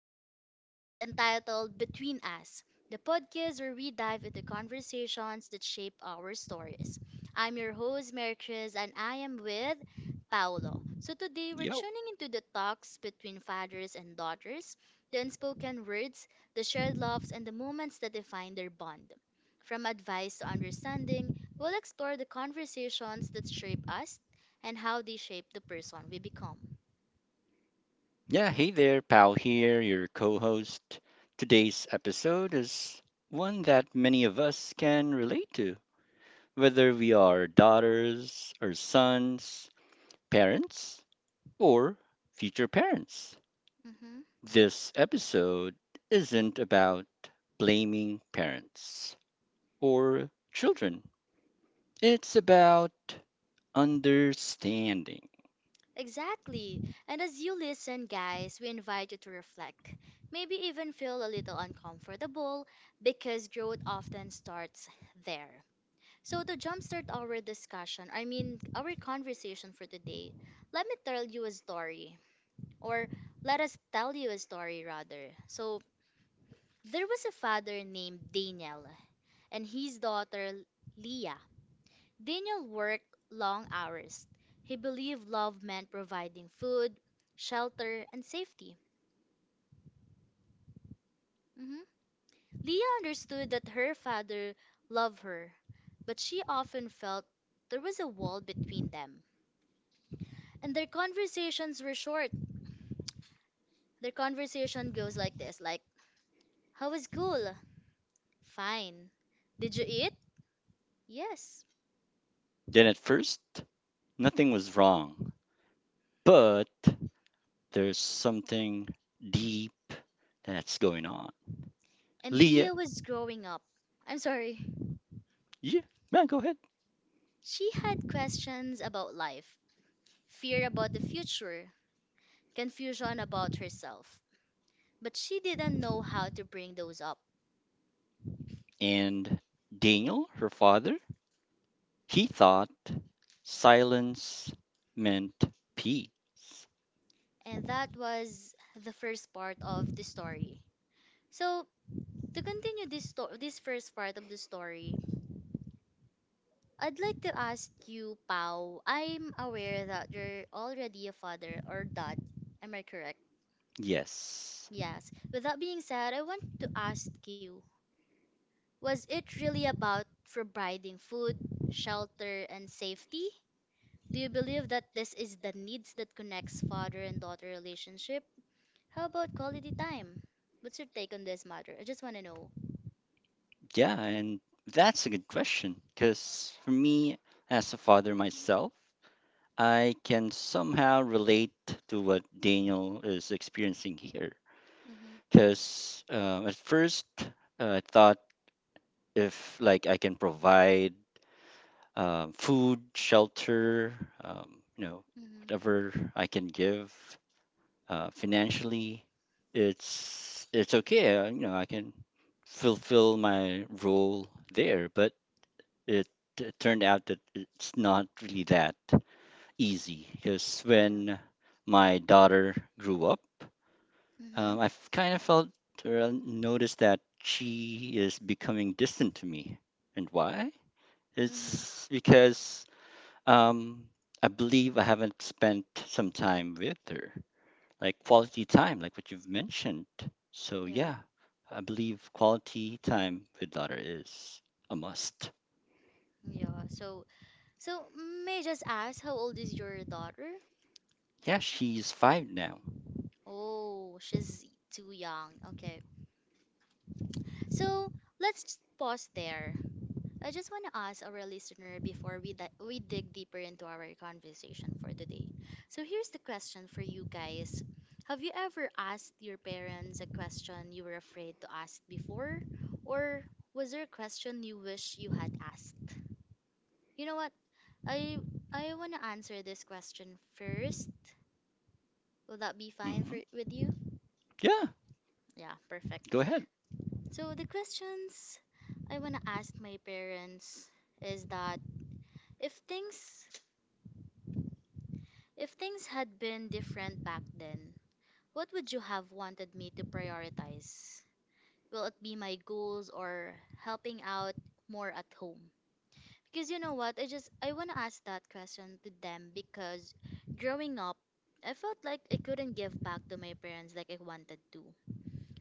podcast. It's entitled Between Us, the podcast where we dive into conversations that shape our stories. I'm your host, Mary Chris, and I am with Paolo. So, today we're Yep. tuning into the talks between fathers and daughters, the unspoken words, the shared loves, and the moments that define their bond. From advice to understanding, we'll explore the conversations that shape us and how they shape the person we become. Yeah, hey there, pal here, your co host. Today's episode is one that many of us can relate to, whether we are daughters or sons, parents, or future parents. Mhm. This episode isn't about blaming parents or children, it's about understanding. Exactly. And as you listen, guys, we invite you to reflect, maybe even feel a little uncomfortable because growth often starts there. So, to jumpstart our discussion, I mean, our conversation for today, let me tell you a story, or let us tell you a story rather. So, there was a father named Daniel and his daughter Leah. Daniel worked long hours. He believed love meant providing food, shelter, and safety. Mhm. Leah understood that her father loved her, but she often felt there was a wall between them. And their conversations were short. Their conversation goes like this, like, "How was school?" "Fine." "Did you eat?" "Yes." Then, at first, nothing was wrong, but there's something deep that's going on. And Leah, Leah was growing up. I'm sorry. yeah, man, go ahead. She had questions about life, fear about the future, confusion about herself. But she didn't know how to bring those up. And Daniel, her father, he thought silence meant peace. And that was the first part of the story. So, to continue this first part of the story, I'd like to ask you, Pau. I'm aware that you're already a father or dad. Am I correct? Yes. Yes. With that being said, I want to ask you, was it really about providing food, shelter, and safety? Do you believe that this is the needs that connects father and daughter relationship? How about quality time? What's your take on this matter? I just want to know. Yeah, and that's a good question because for me, as a father myself, I can somehow relate to what Daniel is experiencing here. Mhm. Because at first, I thought if like I can provide food, shelter, um, you know, Mhm. whatever I can give financially, it's okay. You know, I can fulfill my role there. But it, it turned out that it's not really that easy because Yeah. when my daughter grew up, Mhm. I've kind of felt or noticed that she is becoming distant to me. And why? Mhm. It's because um, I believe I haven't spent some time with her, like quality time, like what you've mentioned. So, Yeah. yeah, I believe quality time with daughter is a must. Yeah. So, so may I just ask, how old is your daughter? Yeah, she's five now. Oh, she's too young. Okay. So let's just pause there. I just want to ask our listener before we dig deeper into our conversation for today. So, here's the question for you guys. Have you ever asked your parents a question you were afraid to ask before? Or was there a question you wish you had asked? You know what? I, I want to answer this question first. Will that be fine Hmm. for, with you? Yeah, Yeah, perfect. go ahead. So, the questions I want to ask my parents is that if things. If things had been different back then, what would you have wanted me to prioritize? Will it be my goals or helping out more at home? Because you know what, I want to ask that question to them because growing up, I felt like I couldn't give back to my parents like I wanted to.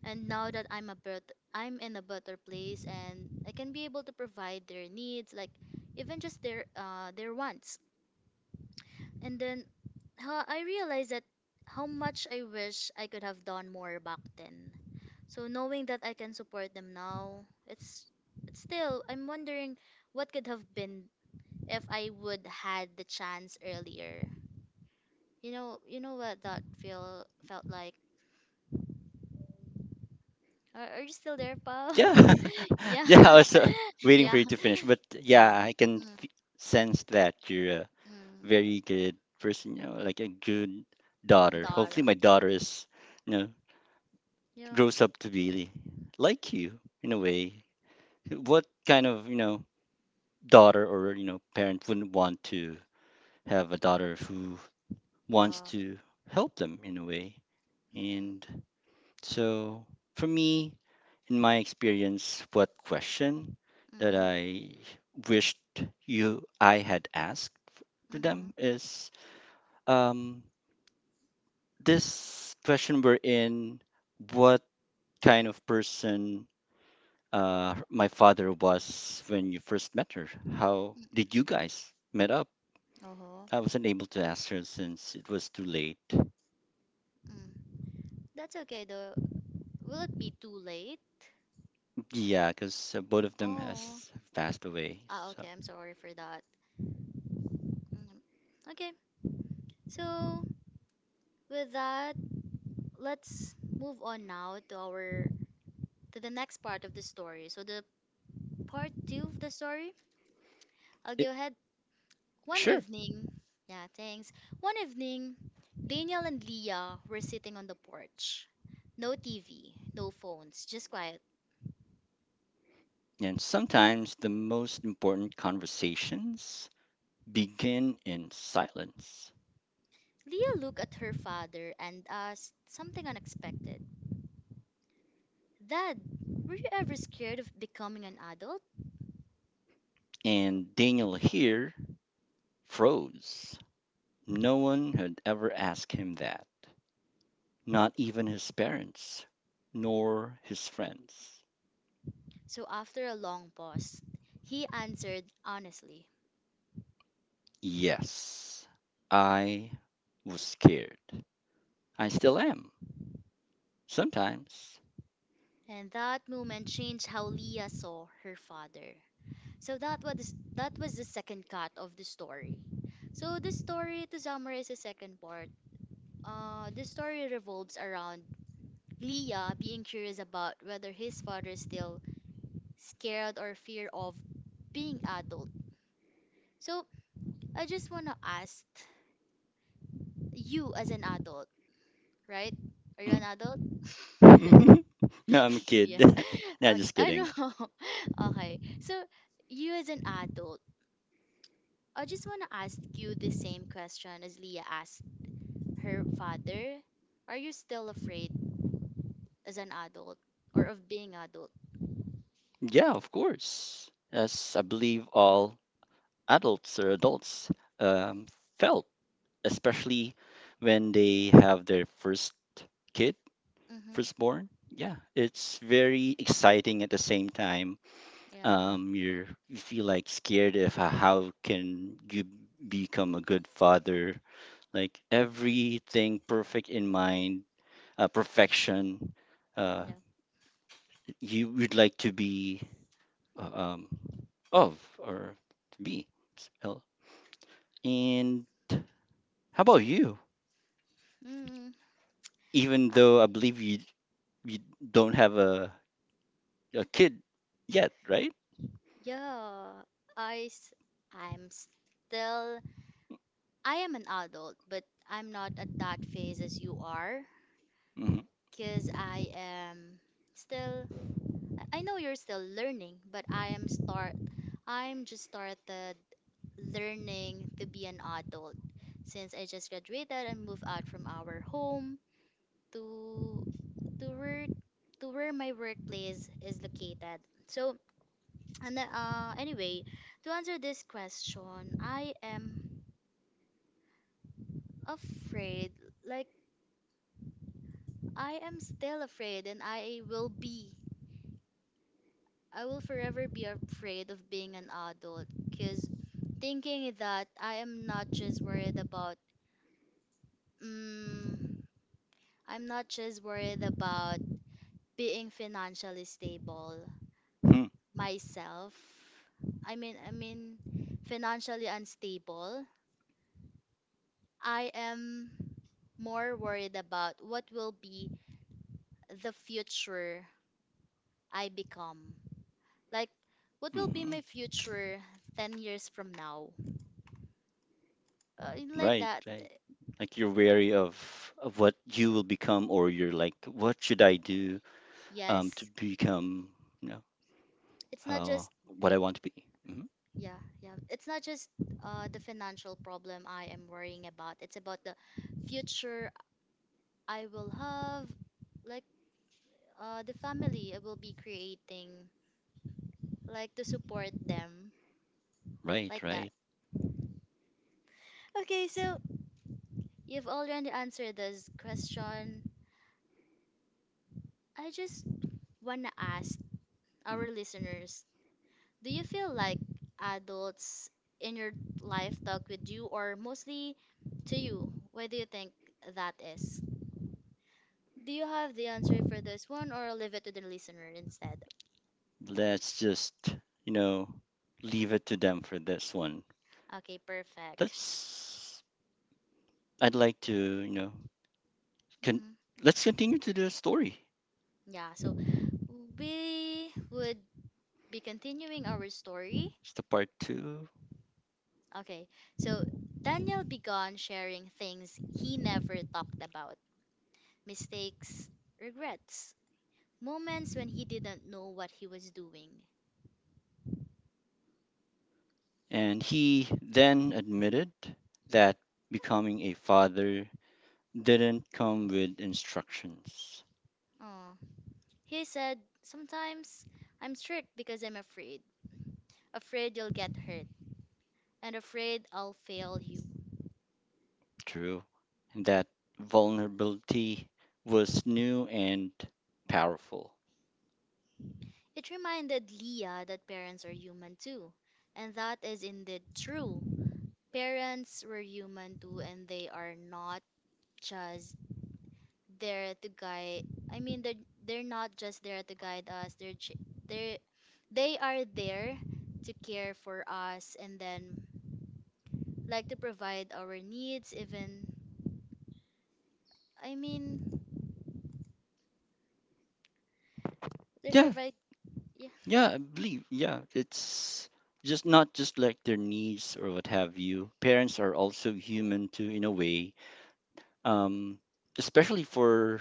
And now that I'm a birth, I'm in a better place and I can be able to provide their needs like even just their wants. And then I realized that how much I wish I could have done more back then. So knowing that I can support them now, it's still I'm wondering what could have been if I would had the chance earlier. You know what that feel felt like. Are you still there, pal? Yeah, Yeah, yeah. I was waiting for yeah. you to finish, but yeah, Oh, I can mm, sense that you're a mm. very good person. You know, like a good daughter. Dar, Hopefully, my thing. daughter is, you know, Yeah. grows up to be like you in a way. What kind of daughter or parent wouldn't want to have a daughter who wants Yeah. to help them in a way? Mm-mm. And so for me, in my experience, what question that Mm-hmm. I wished you I had asked to Mm-hmm. them is um, this question we're in what kind of person my father was when you first met her? How Mm-mm. did you guys met up? Uh-huh. I wasn't able to ask her since it was too late. Mm. That's okay though. Will it be too late? Yeah, because both of them Oh. has passed away. Ah, So okay. I'm sorry for that. Mm. Okay. So with that, let's move on now to our to the next part of the story. So the part two of the story. I'll it, go ahead. One sure. evening, yeah, thanks. One evening, Daniel and Leah were sitting on the porch. No TV, no phones, just quiet. And sometimes the most important conversations begin in silence. Leah looked at her father and asked something unexpected. Dad, were you ever scared of becoming an adult? And Daniel here froze. No one had ever asked him that, not even his parents, nor his friends. So, after a long pause, he answered honestly. Yes, I was scared. I still am, sometimes. And that moment changed how Leah saw her father. So that was the second cut of the story. So the story to summarize the second part. The story revolves around Leah being curious about whether his father is still scared or fear of being adult. So I just wanna ask you as an adult, right? Are you an adult? Mhm. No, I'm a kid. Yeah. No, Okay. just I know. kidding. Okay. So you as an adult. I just want to ask you the same question as Leah asked her father. Are you still afraid as an adult or of being adult? Yeah, of course. As I believe all adults um, felt, especially when they have their first kid, Mm-hmm. firstborn. Yeah, it's very exciting at the same time. Yeah. You feel like scared of how can you become a good father. Like everything perfect in mind, perfection. Mm, Uh, yeah. you would like to be uh, um, of or to be. So, and how about you? Mm. Even Uh, though I believe you don't have a kid yet, right? yeah. I s- I'm still I am an adult, but I'm not at that phase as you are Mm-hmm. because still I know you're still learning, but I'm just started learning to be an adult since I just graduated and moved out from our home to to work to where my workplace is located. So and then, anyway, to answer this question, I am afraid, like I am still afraid and I will forever be afraid of being an adult because thinking that I am not just worried about mm, I'm not just worried about being financially stable myself. I mean financially unstable. I am more worried about what will be the future I become. Like what will be Hmm. my future 10 years from now? Uh, like Right, that. right. Like you're wary of what you will become, or you're like, what should I do to Yes. become, you know, It's not just what I want to be. Hmm. Yeah, yeah. It's not just the financial problem I am worrying about. It's about the future I will have, like the family I will be creating, like to support them, Right, like that. right. Okay, so you've already answered this question. I just wanna ask Mhm. our listeners, do you feel like adults in your life talk with you or mostly to you? Why do you think that is? Do you have the answer for this one, or I'll leave it to the listener instead? Let's just, you know, leave it to them for this one. Okay, perfect. That's. I'd like to, can Mhm. let's continue to the story. Yeah, so we would be continuing our story. It's the part two. Okay, so Daniel began sharing things he never talked about, mistakes, regrets, moments when he didn't know what he was doing. And he then admitted that becoming a father didn't come with instructions. Oh, he said, "Sometimes I'm strict because I'm afraid. Afraid you'll get hurt, and afraid I'll fail you." True. And that vulnerability was new and powerful. It reminded Leah that parents are human too, and that is indeed true. Parents were human too, and they are not just there to guide. I mean, they're not just there to guide us. They're ch- they they are there to care for us, and then like to provide our needs. Even I mean, they Yeah. provide. Yeah, Yeah, I believe. Yeah. It's just not just like their needs or what have you. Parents are also human too, in a way um, especially for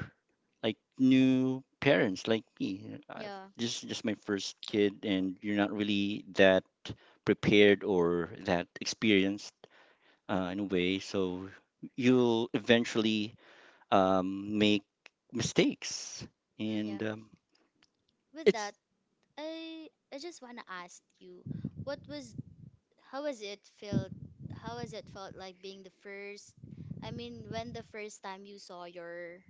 like new parents like me. Yeah, This is just my first kid, and you're not really that prepared or that experienced in a way. So you'll eventually make mistakes, mm, and yeah. With it's that, I just wanna ask you, what was how was it felt how has it felt like being the first I mean when the first time you saw your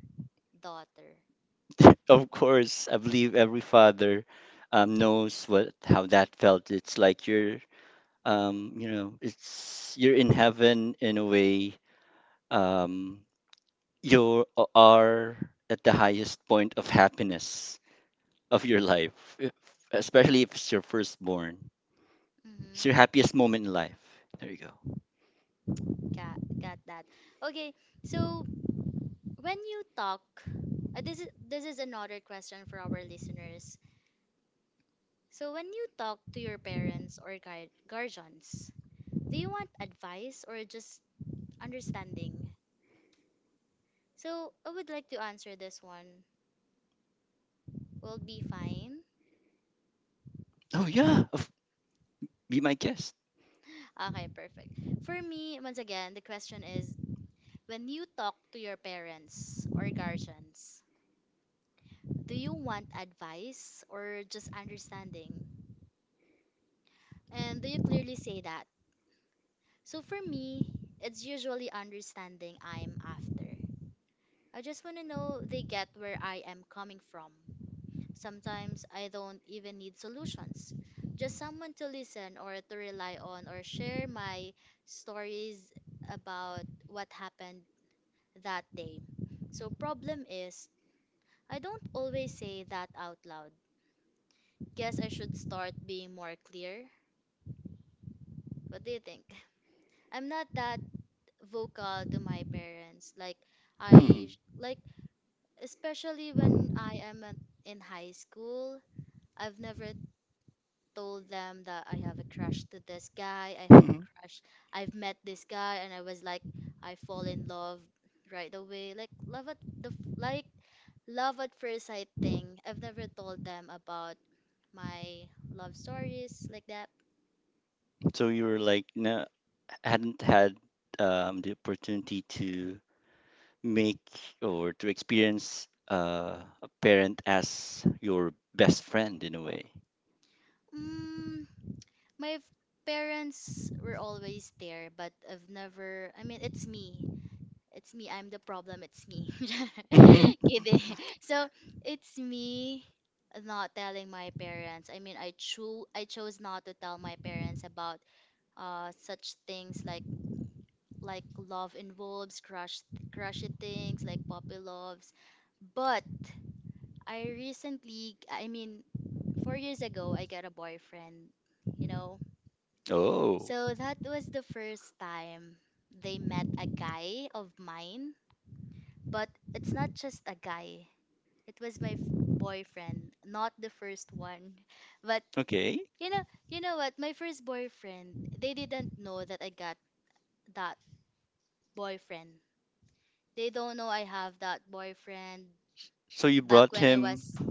daughter? of course I believe every father knows what how that felt. It's like you're you know, it's you're in heaven in a way um, you are at the highest point of happiness of your life, especially if it's your firstborn. Mm-hmm. It's your happiest moment in life. There you go. Got that. Okay, so when you talk this is another question for our listeners. So when you talk to your parents or guardians, do you want advice or just understanding? So I would like to answer this one. Will be fine. Oh yeah, be my guest. Okay, perfect. For me, once again, the question is when you talk to your parents or guardians, do you want advice or just understanding? And do you clearly say that? So for me, it's usually understanding I'm after. I just want to know they get where I am coming from. Sometimes I don't even need solutions. Just someone to listen or to rely on or share my stories about what happened that day. So problem is, I don't always say that out loud. Guess I should start being more clear. What do you think? I'm not that vocal to my parents. Like, Mhm. I sh- like especially when I am at, in high school, I've never told them that I have a crush to this guy, I have a Mhm. crush, I've met this guy, and I was like, I fall in love right away. Like love at first sight thing. I've never told them about my love stories like that. So you were like, no, hadn't had the opportunity to make or to experience a parent as your best friend in a way. Mm, my f- parents were always there, but I've never. I mean, it's me. It's me. I'm the problem. It's me. Kidding. So it's me not telling my parents. I mean, I chose not to tell my parents about such things like love involves crushy things like puppy loves. But I mean, 4 years ago, I got a boyfriend. You know, Oh, so that was the first time they met a guy of mine. But it's not just a guy. It was boyfriend, not the first one. But okay. you know, you know what? My first boyfriend, they didn't know that I got that boyfriend. They don't know I have that boyfriend So you back brought when I him was.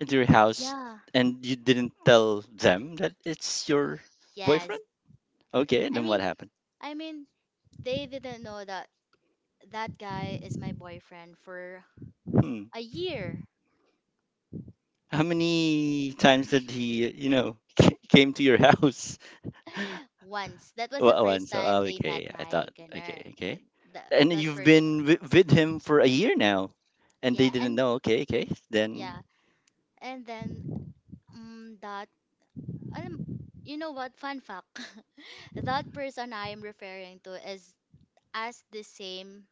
into your house Yeah. and you didn't tell them that it's your Yes. boyfriend? Okay, and I then what mean, happened? I mean, they didn't know that that guy is my boyfriend for Hmm. a year. How many times did he, came to your house? Once. That was the Well, one. first So time oh, they met okay, I my thought okay, gunner. okay. that And that you've person. been with him for a year now, and they Yeah, didn't and know. Okay, okay. yeah, Then, and then um, that alam, you know what? Fun fact: that person I am referring to is as the same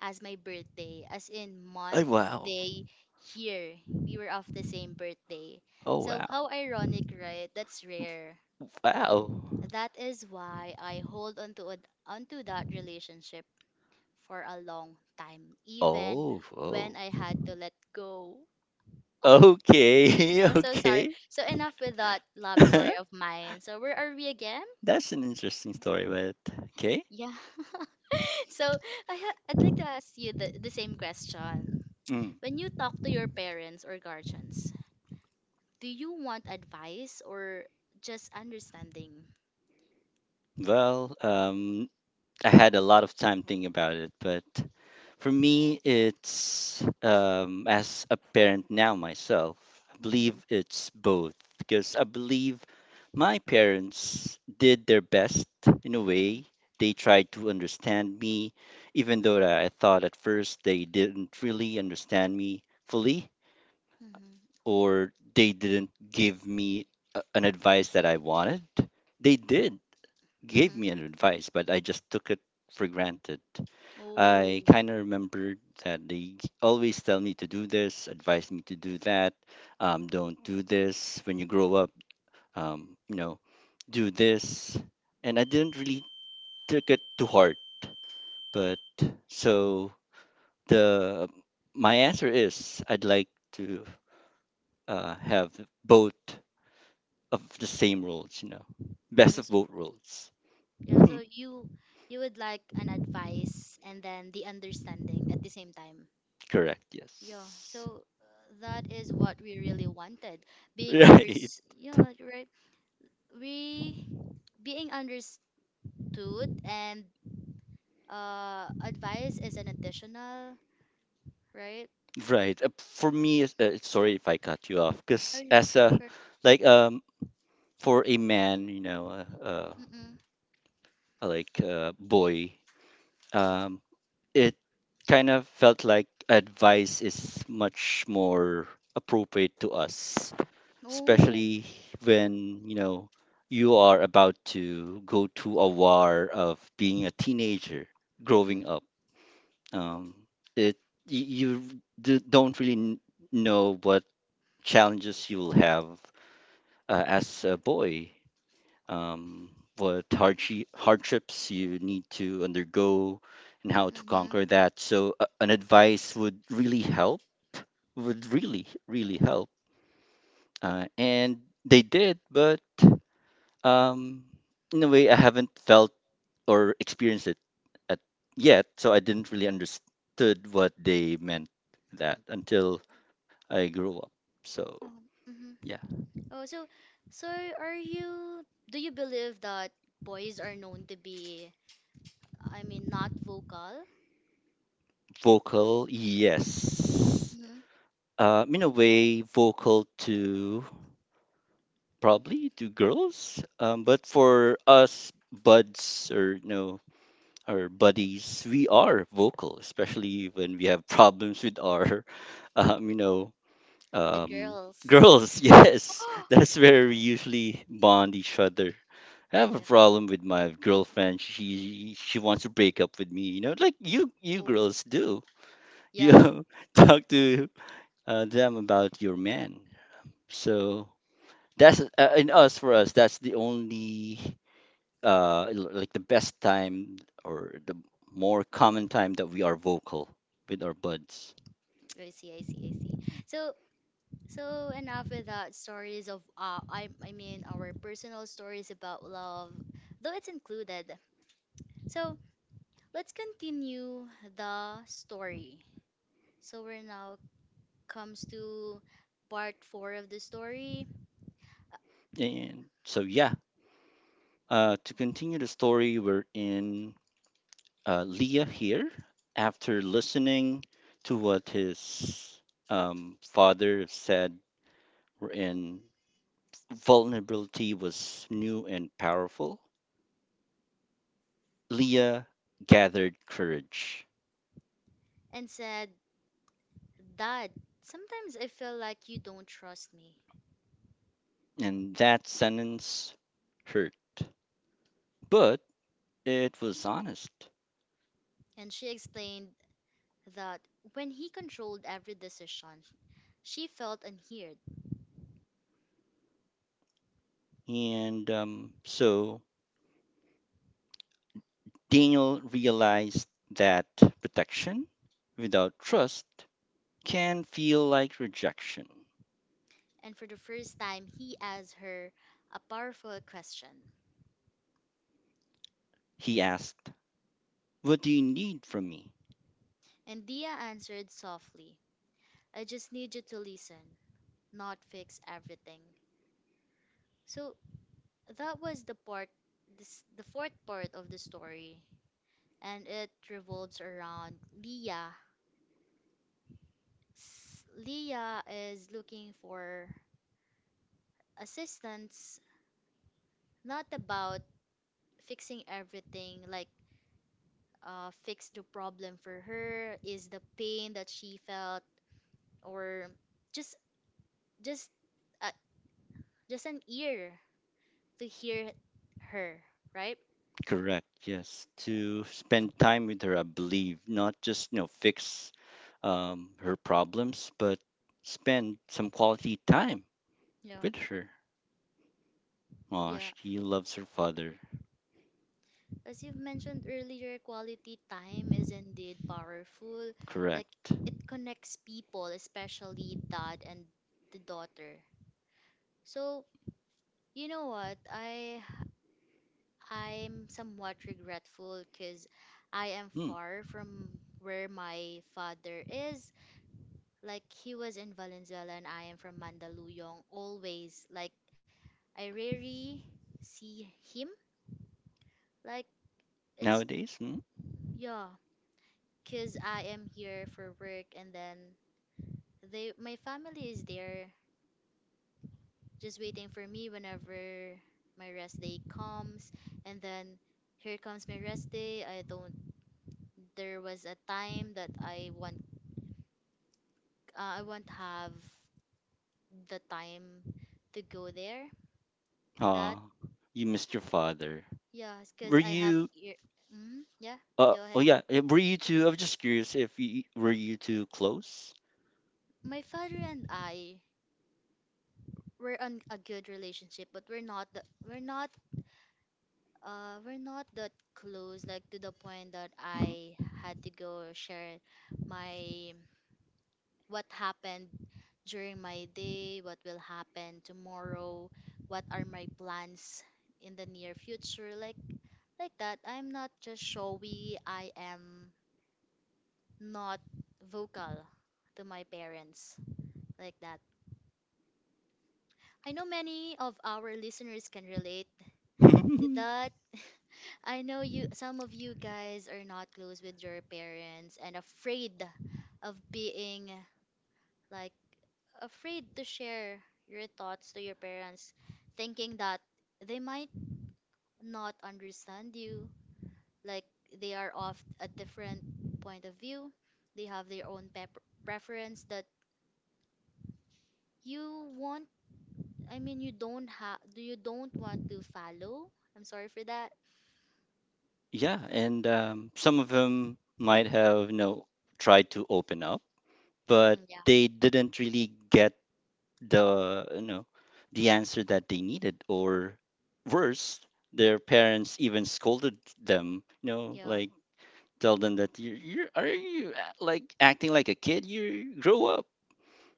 as my birthday, as in oh month, wow. day, year. We were of the same birthday. Oh So wow. how ironic, right? That's rare. Wow. That is why I hold on to onto that relationship for a long time, even Oh, when oh. I had to let go. Okay, I'm so sorry. okay. So enough with that love story of mine. So where are we again? That's an interesting story, but okay. Yeah. So I'd like to ask you the same question. Mm. When you talk to your parents or guardians, do you want advice or just understanding? Well, I had a lot of time thinking about it, but for me, it's as a parent now myself, I Mm-hmm. believe it's both because I believe my parents did their best in a way. They tried to understand me, even though that I thought at first they didn't really understand me fully Mm-hmm. or they didn't give me an advice that I wanted. They did give Mm-hmm. me an advice, but I just took it for granted. I Oh. kind of remembered that they always tell me to do this, advise me to do that. Don't do this when you grow up. Um, you know, do this, and I didn't really took it to heart. But so the my answer is I'd like to have both of the same roles. You know, best Mm, of so- both worlds. Yeah, so you would like an advice and then the understanding at the same time. Correct. Yeah, Yes. so that is what we really wanted. Being Right. unders yeah, right. We being understood and advice is an additional, right? Right. For me, it's- sorry if I cut you off, Oh, because yeah, as a sure. like for a man, Mm-mm. Boy, um, it kind of felt like advice is much more appropriate to us, Oh. especially when you know you are about to go to a war of being a teenager, Mm-hmm. growing up. Um, it you don't really know what challenges you'll have as a boy, um, what hardships you need to undergo, and how to Mm-hmm. conquer that. So, an advice would really help, would really, really help. And they did, but um, in a way, I haven't felt or experienced it at, yet, so I didn't really understood what they meant that until I grew up. So, Mhm. yeah, Oh, so so are you do you believe that boys are known to be I mean not vocal vocal, yes. hmm In a way vocal to probably to girls but for us buds or our buddies, we are vocal especially when we have problems with our um, you know with um, girls? girls. Yes, that's where we usually bond each other. I have a Yeah. problem with my girlfriend. She wants to break up with me. You know, like you Oh. girls do. Yeah, You talk to them about your man. So that's in us for us, that's the only like the best time or the more common time that we are vocal with our buds. I see, I see, I see. So, so enough with that stories of I mean our personal stories about love, though it's included. So, let's continue the story. So we're now comes to part four of the story And so, yeah, to continue the story, we're in, Leah here, after listening to what his father said, we're in vulnerability was new and powerful, uh, Leah gathered courage. and said, Dad, sometimes I feel like you don't trust me. And that sentence hurt, but it was honest. And she explained that when he controlled every decision, she felt unheard. And so Daniel realized that protection without trust can feel like rejection. And for the first time, he asked her a powerful question. He asked, "What do you need from me?" And Dia answered softly, I just need you to listen, not fix everything. So that was the part, this, the fourth part of the story, and it revolves around Leah. S- Leah is looking for assistance, not about fixing everything, like fix the problem for her, is the pain that she felt, or just just uh, just an ear to hear her, right? Correct, yes. To spend time with her, I believe, not just, fix her problems, but spend some quality time Yeah, with her. Aw, yeah. she loves her father. As you've mentioned earlier, quality time is indeed powerful. Like Correct. it connects people, especially dad and the daughter. So, you know what? I'm somewhat regretful cuz I am Mm. far from where my father is. Like he was in Valenzuela and I am from Mandaluyong always. Like I rarely see him. Like it's Nowadays, mm? yeah, because I am here for work and then they my family is there just waiting for me whenever my rest day comes and then here comes my rest day I don't there was a time that I want I won't have the time to go there that Oh, you missed your father. yeah Were because I have you? ear- mm, yeah go Oh ahead yeah. Were you two? I'm just curious if you were you two close. my father and I were on a good relationship but we're not we're not we're not that close, like to the point that Mhm. I had to go share my what happened during my day, what will happen tomorrow, what are my plans in the near future, like that. I'm not just showy, I am not vocal to my parents like that. I know many of our listeners can relate to that I know you some of you guys are not close with your parents and afraid of being like afraid to share your thoughts to your parents thinking that they might not understand you like they are of a different point of view they have their own pep- preference that you want I mean you don't have do you don't want to follow I'm sorry for that Yeah, and some of them might have tried to open up, but hmm yeah they didn't really get the you know the answer that they needed, or worse, their parents even scolded them. You know, Yeah, like tell them that you are like acting like a kid. You grow up.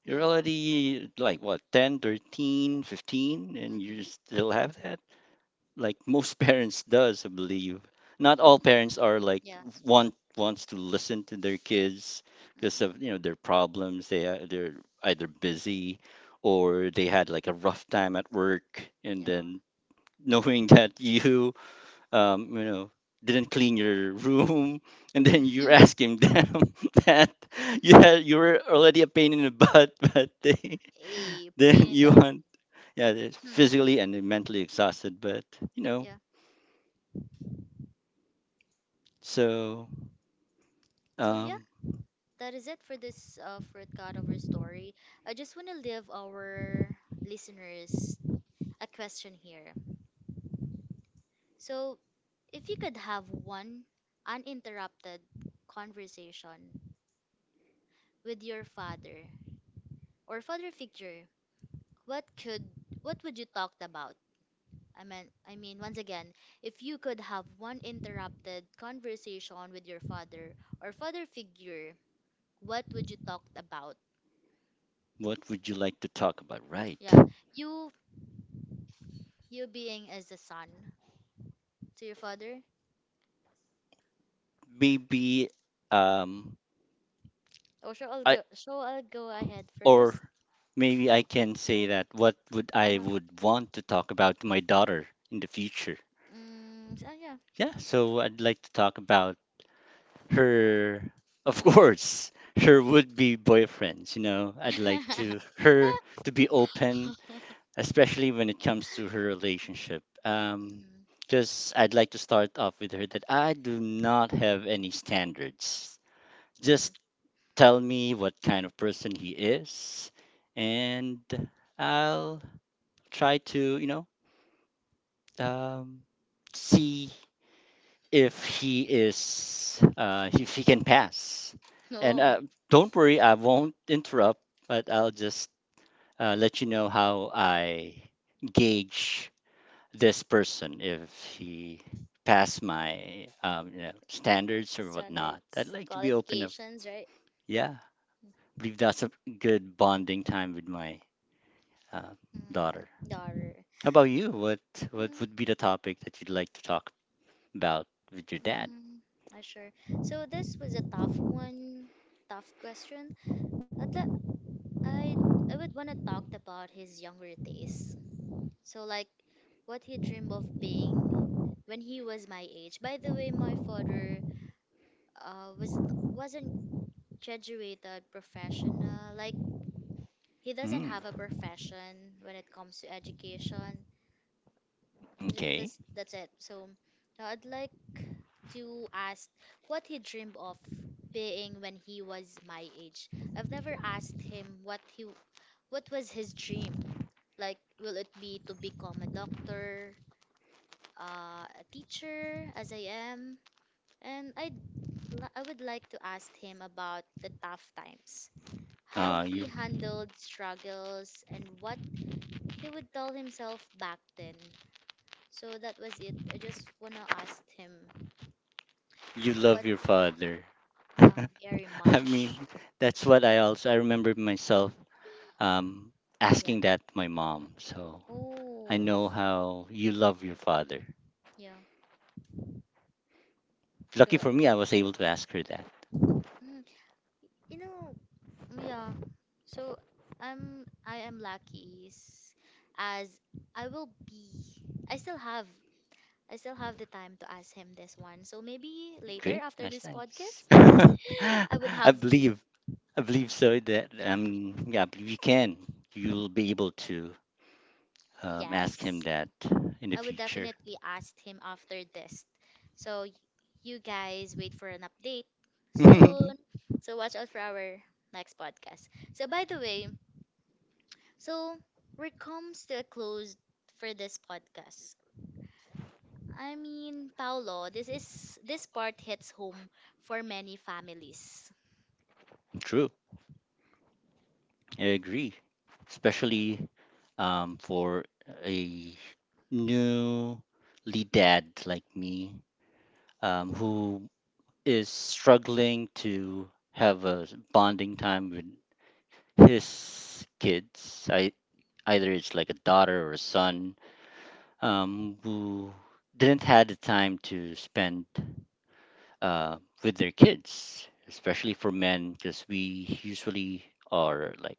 You're yeah. already like what 10, 13, 15, and you Mm-hmm. still have that. Like most parents does, I believe. Not all parents Mm-mm. are like Yeah. Wants to listen to their kids because Mm-mm. of their problems. They're either busy or they had like a rough time at work and Yeah. then knowing that you um, you know, didn't clean your room, and then you're asking them that you were already a pain in the butt, but they A pain then in the. you want yeah, they're Hmm. physically and they're mentally exhausted, but you know, Yeah. so So yeah, um, that is it for this for God of our story. I just want to leave our listeners a question here. So, if you could have one uninterrupted conversation with your father or father figure, what could what would you talk about? I mean, once again, if you could have one interrupted conversation with your father or father figure, what would you talk about? what would you like to talk about? Right, Yeah, you you being as a son to your father. maybe um, Oh, so I'll I go. So I'll go ahead or first. maybe I can say that what would Uh I huh. would want to talk about to my daughter in the future. Mm, so yeah. Yeah, so I'd like to talk about her, of course, her would be boyfriends. I'd like to her to be open, especially when it comes to her relationship. Mm, Just I'd like to start off with her that I do not have any standards. mhm. Just tell me what kind of person he is, and I'll try to um see if he is if he can pass. And No don't worry, I won't interrupt, but I'll just let you know how I gauge this person if he pass my standards or whatnot. I'd standards, like to be open up. qualifications, right? Yeah, believe that's a good bonding time with my uh, Mm, daughter. daughter. How about you? What Mm, would be the topic that you'd like to talk about with your dad? mm-hmm. I sure. So this was a tough one, tough question. I'd, li- I'd, I would want to talk about his younger days. So like what he dreamed of being when he was my age. By the way, my father was wasn't graduated professional. Like he doesn't Mm, have a profession when it comes to education. J- okay. That's it. So I'd like to ask what he dreamed of being when he was my age. I've never asked him what he what was his dream. Like will it be to become a doctor, a teacher as I am? And I would like to ask him about the tough times. How Uh, you he handled struggles, and what he would tell himself back then. So that was it. I just want to ask him you what, love your father. yeah, very I mean, much. that's what I remember myself um Yeah. asking that to my mom. So I Oh, know s- how you love your father. yeah. So, Lucky for me, I was able to ask her that. mm, you know, mm, yeah. So I'm I am lucky s- as I will be. I still have I still have the time to ask him this one. So maybe later Great, after nice, this nice. podcast, I would I have to. believe, I believe so. That Yeah. Yeah, I believe you can. You'll be able to ask him Yes. that in the I would future. definitely ask him after this. So y- you guys wait for an update soon. So watch out for our next podcast. So by the way, so we're comes to a close for this podcast. I mean, Paolo, this part hits home for many families. True, I agree. Especially for a newly dad like me, who is struggling to have a bonding time with his kids. I, either it's like a daughter or a son, who didn't had the time to spend uh, with their kids, especially for men, because we usually are like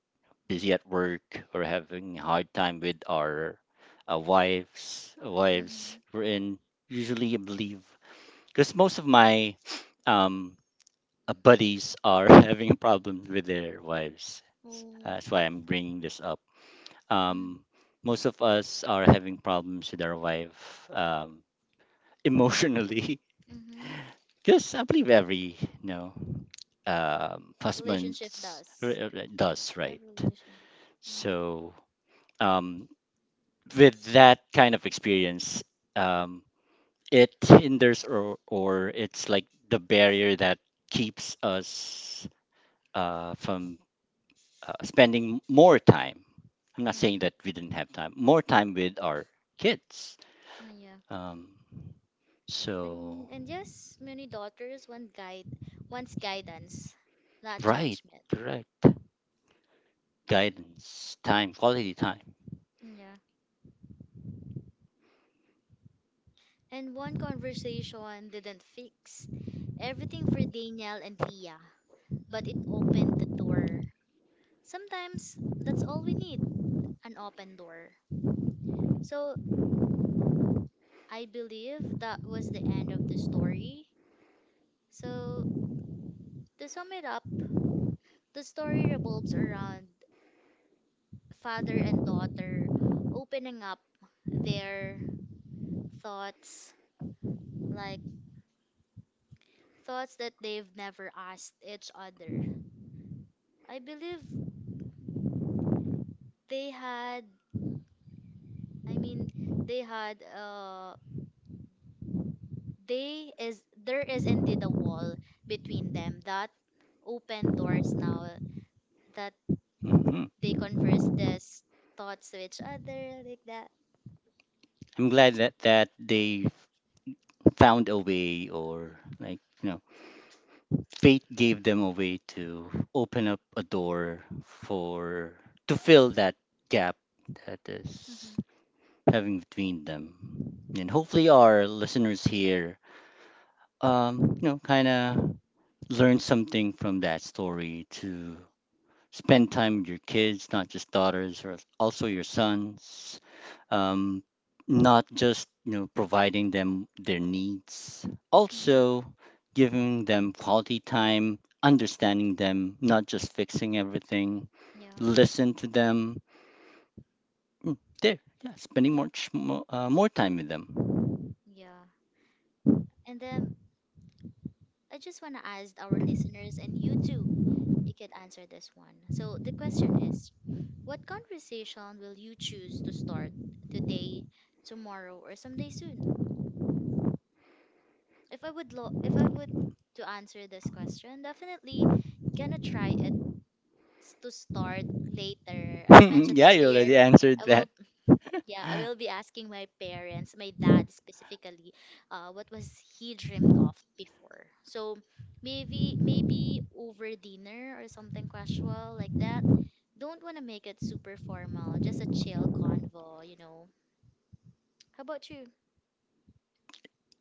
busy at work or having a hard time with our wives. Mm-hmm. Wives, we're in usually, I believe, because most of my um, buddies are having problems with their wives. Oh. That's why I'm bringing this up. Mm-hmm. Um, most of us are having problems with our wife emotionally, Mm-hmm. because I believe every no Relationship husbands does. does, The right? relationship. Mm-hmm. So um, with that kind of experience, um, it hinders or it's like the barrier that keeps us from spending more time. I'm not saying Mm-hmm. that we didn't have time, more time with our kids. Mm, yeah. Um, so And yes, many daughters want guide wants guidance, not right, judgment. correct. Guidance, time, quality time. Yeah. And one conversation didn't fix everything for Daniel and Leah, but it opened the door. Sometimes that's all we need. An open door. So I believe that was the end of the story. So to sum it up, the story revolves around father and daughter opening up their thoughts, like thoughts that they've never asked each other. I believe they had, I mean, they had, they is, there is indeed a wall between them that open doors now that Mhm. they converse their s- thoughts to each other like that. I'm glad that they found a way, or like, you know, fate gave them a way to open up a door for to fill that gap that Hmm. is having between them, and hopefully our listeners here, you know, kind of learn something from that story to spend time with your kids, not just daughters, or also your sons, um, not just, you know, providing them their needs, Hmm. also giving them quality time, understanding them, not just fixing everything. Yeah. Listen to them. Mm, there, yeah, spending more more time with them. Yeah. And then I just want to ask our listeners, and you too, you could answer this one. So the question is, what conversation will you choose to start today, tomorrow, or someday soon? If I would lo if I would to answer this question, definitely gonna try it s- to start later. As mentioned Yeah, you earlier, already answered I that. will yeah, I will be asking my parents, my dad specifically, what was he dreamed of before. So maybe over dinner or something casual like that. Don't want to make it super formal, just a chill convo, you know. How about you?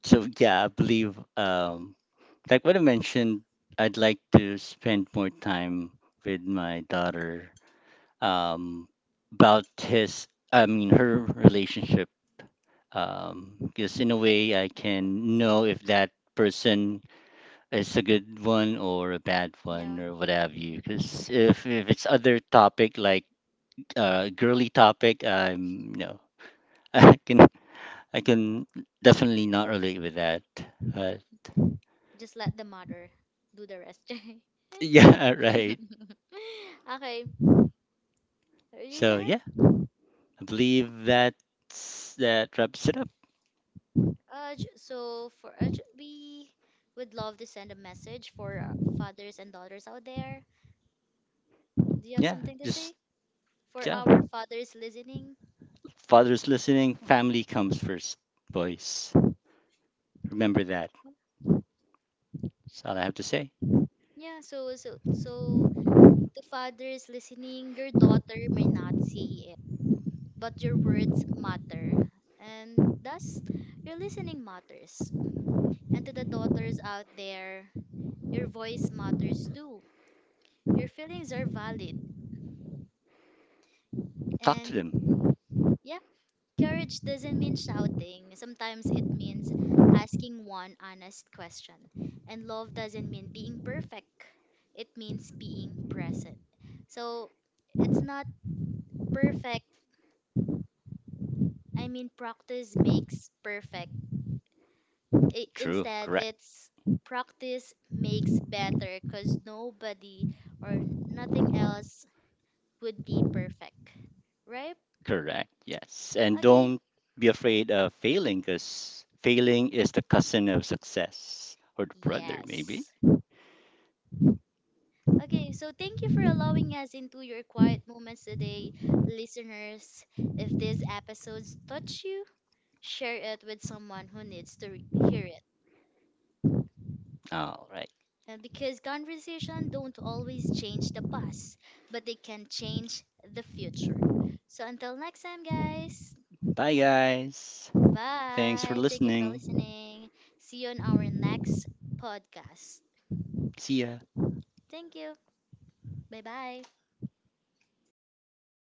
So yeah, I believe, like what I mentioned, I'd like to spend more time with my daughter. Um, about his, I mean, her relationship, because in a way I can know if that person is a good one or a bad one Yeah, or what have you. Because if it's other topic like girly topic, I'm no, I can I can definitely not relate with that. But just let the mother do the rest. yeah, right. Okay, are you So done? yeah, I believe that's that wraps it up. Urge, so for Urge, we would love to send a message for our fathers and daughters out there. Do you have Yeah, something to just say for yeah. our fathers listening? Father's listening, family comes first, boys. Remember that. That's all I have to say. Yeah, the fathers listening, your daughter may not say it, but your words matter, and thus your listening matters. And to the daughters out there, your voice matters too. Your feelings are valid, Talk to and them. yeah, courage doesn't mean shouting. Sometimes it means asking one honest question. And love doesn't mean being perfect. It means being present. So it's not perfect. I mean, practice makes perfect. I- True. instead, Correct. it's practice makes better because nobody or nothing else would be perfect. Right? Correct. Yes. And Okay. don't be afraid of failing because failing is the cousin of success or the brother, maybe. Yes. Okay, so thank you for allowing us into your quiet moments today, listeners. If these episodes touch you, share it with someone who needs to re- hear it. All right. And because conversation don't always change the past, but they can change the future. So until next time, guys. Bye, guys. Thanks for Bye. Thank you for listening. listening. See you on our next podcast. See ya. Thank you. Bye bye.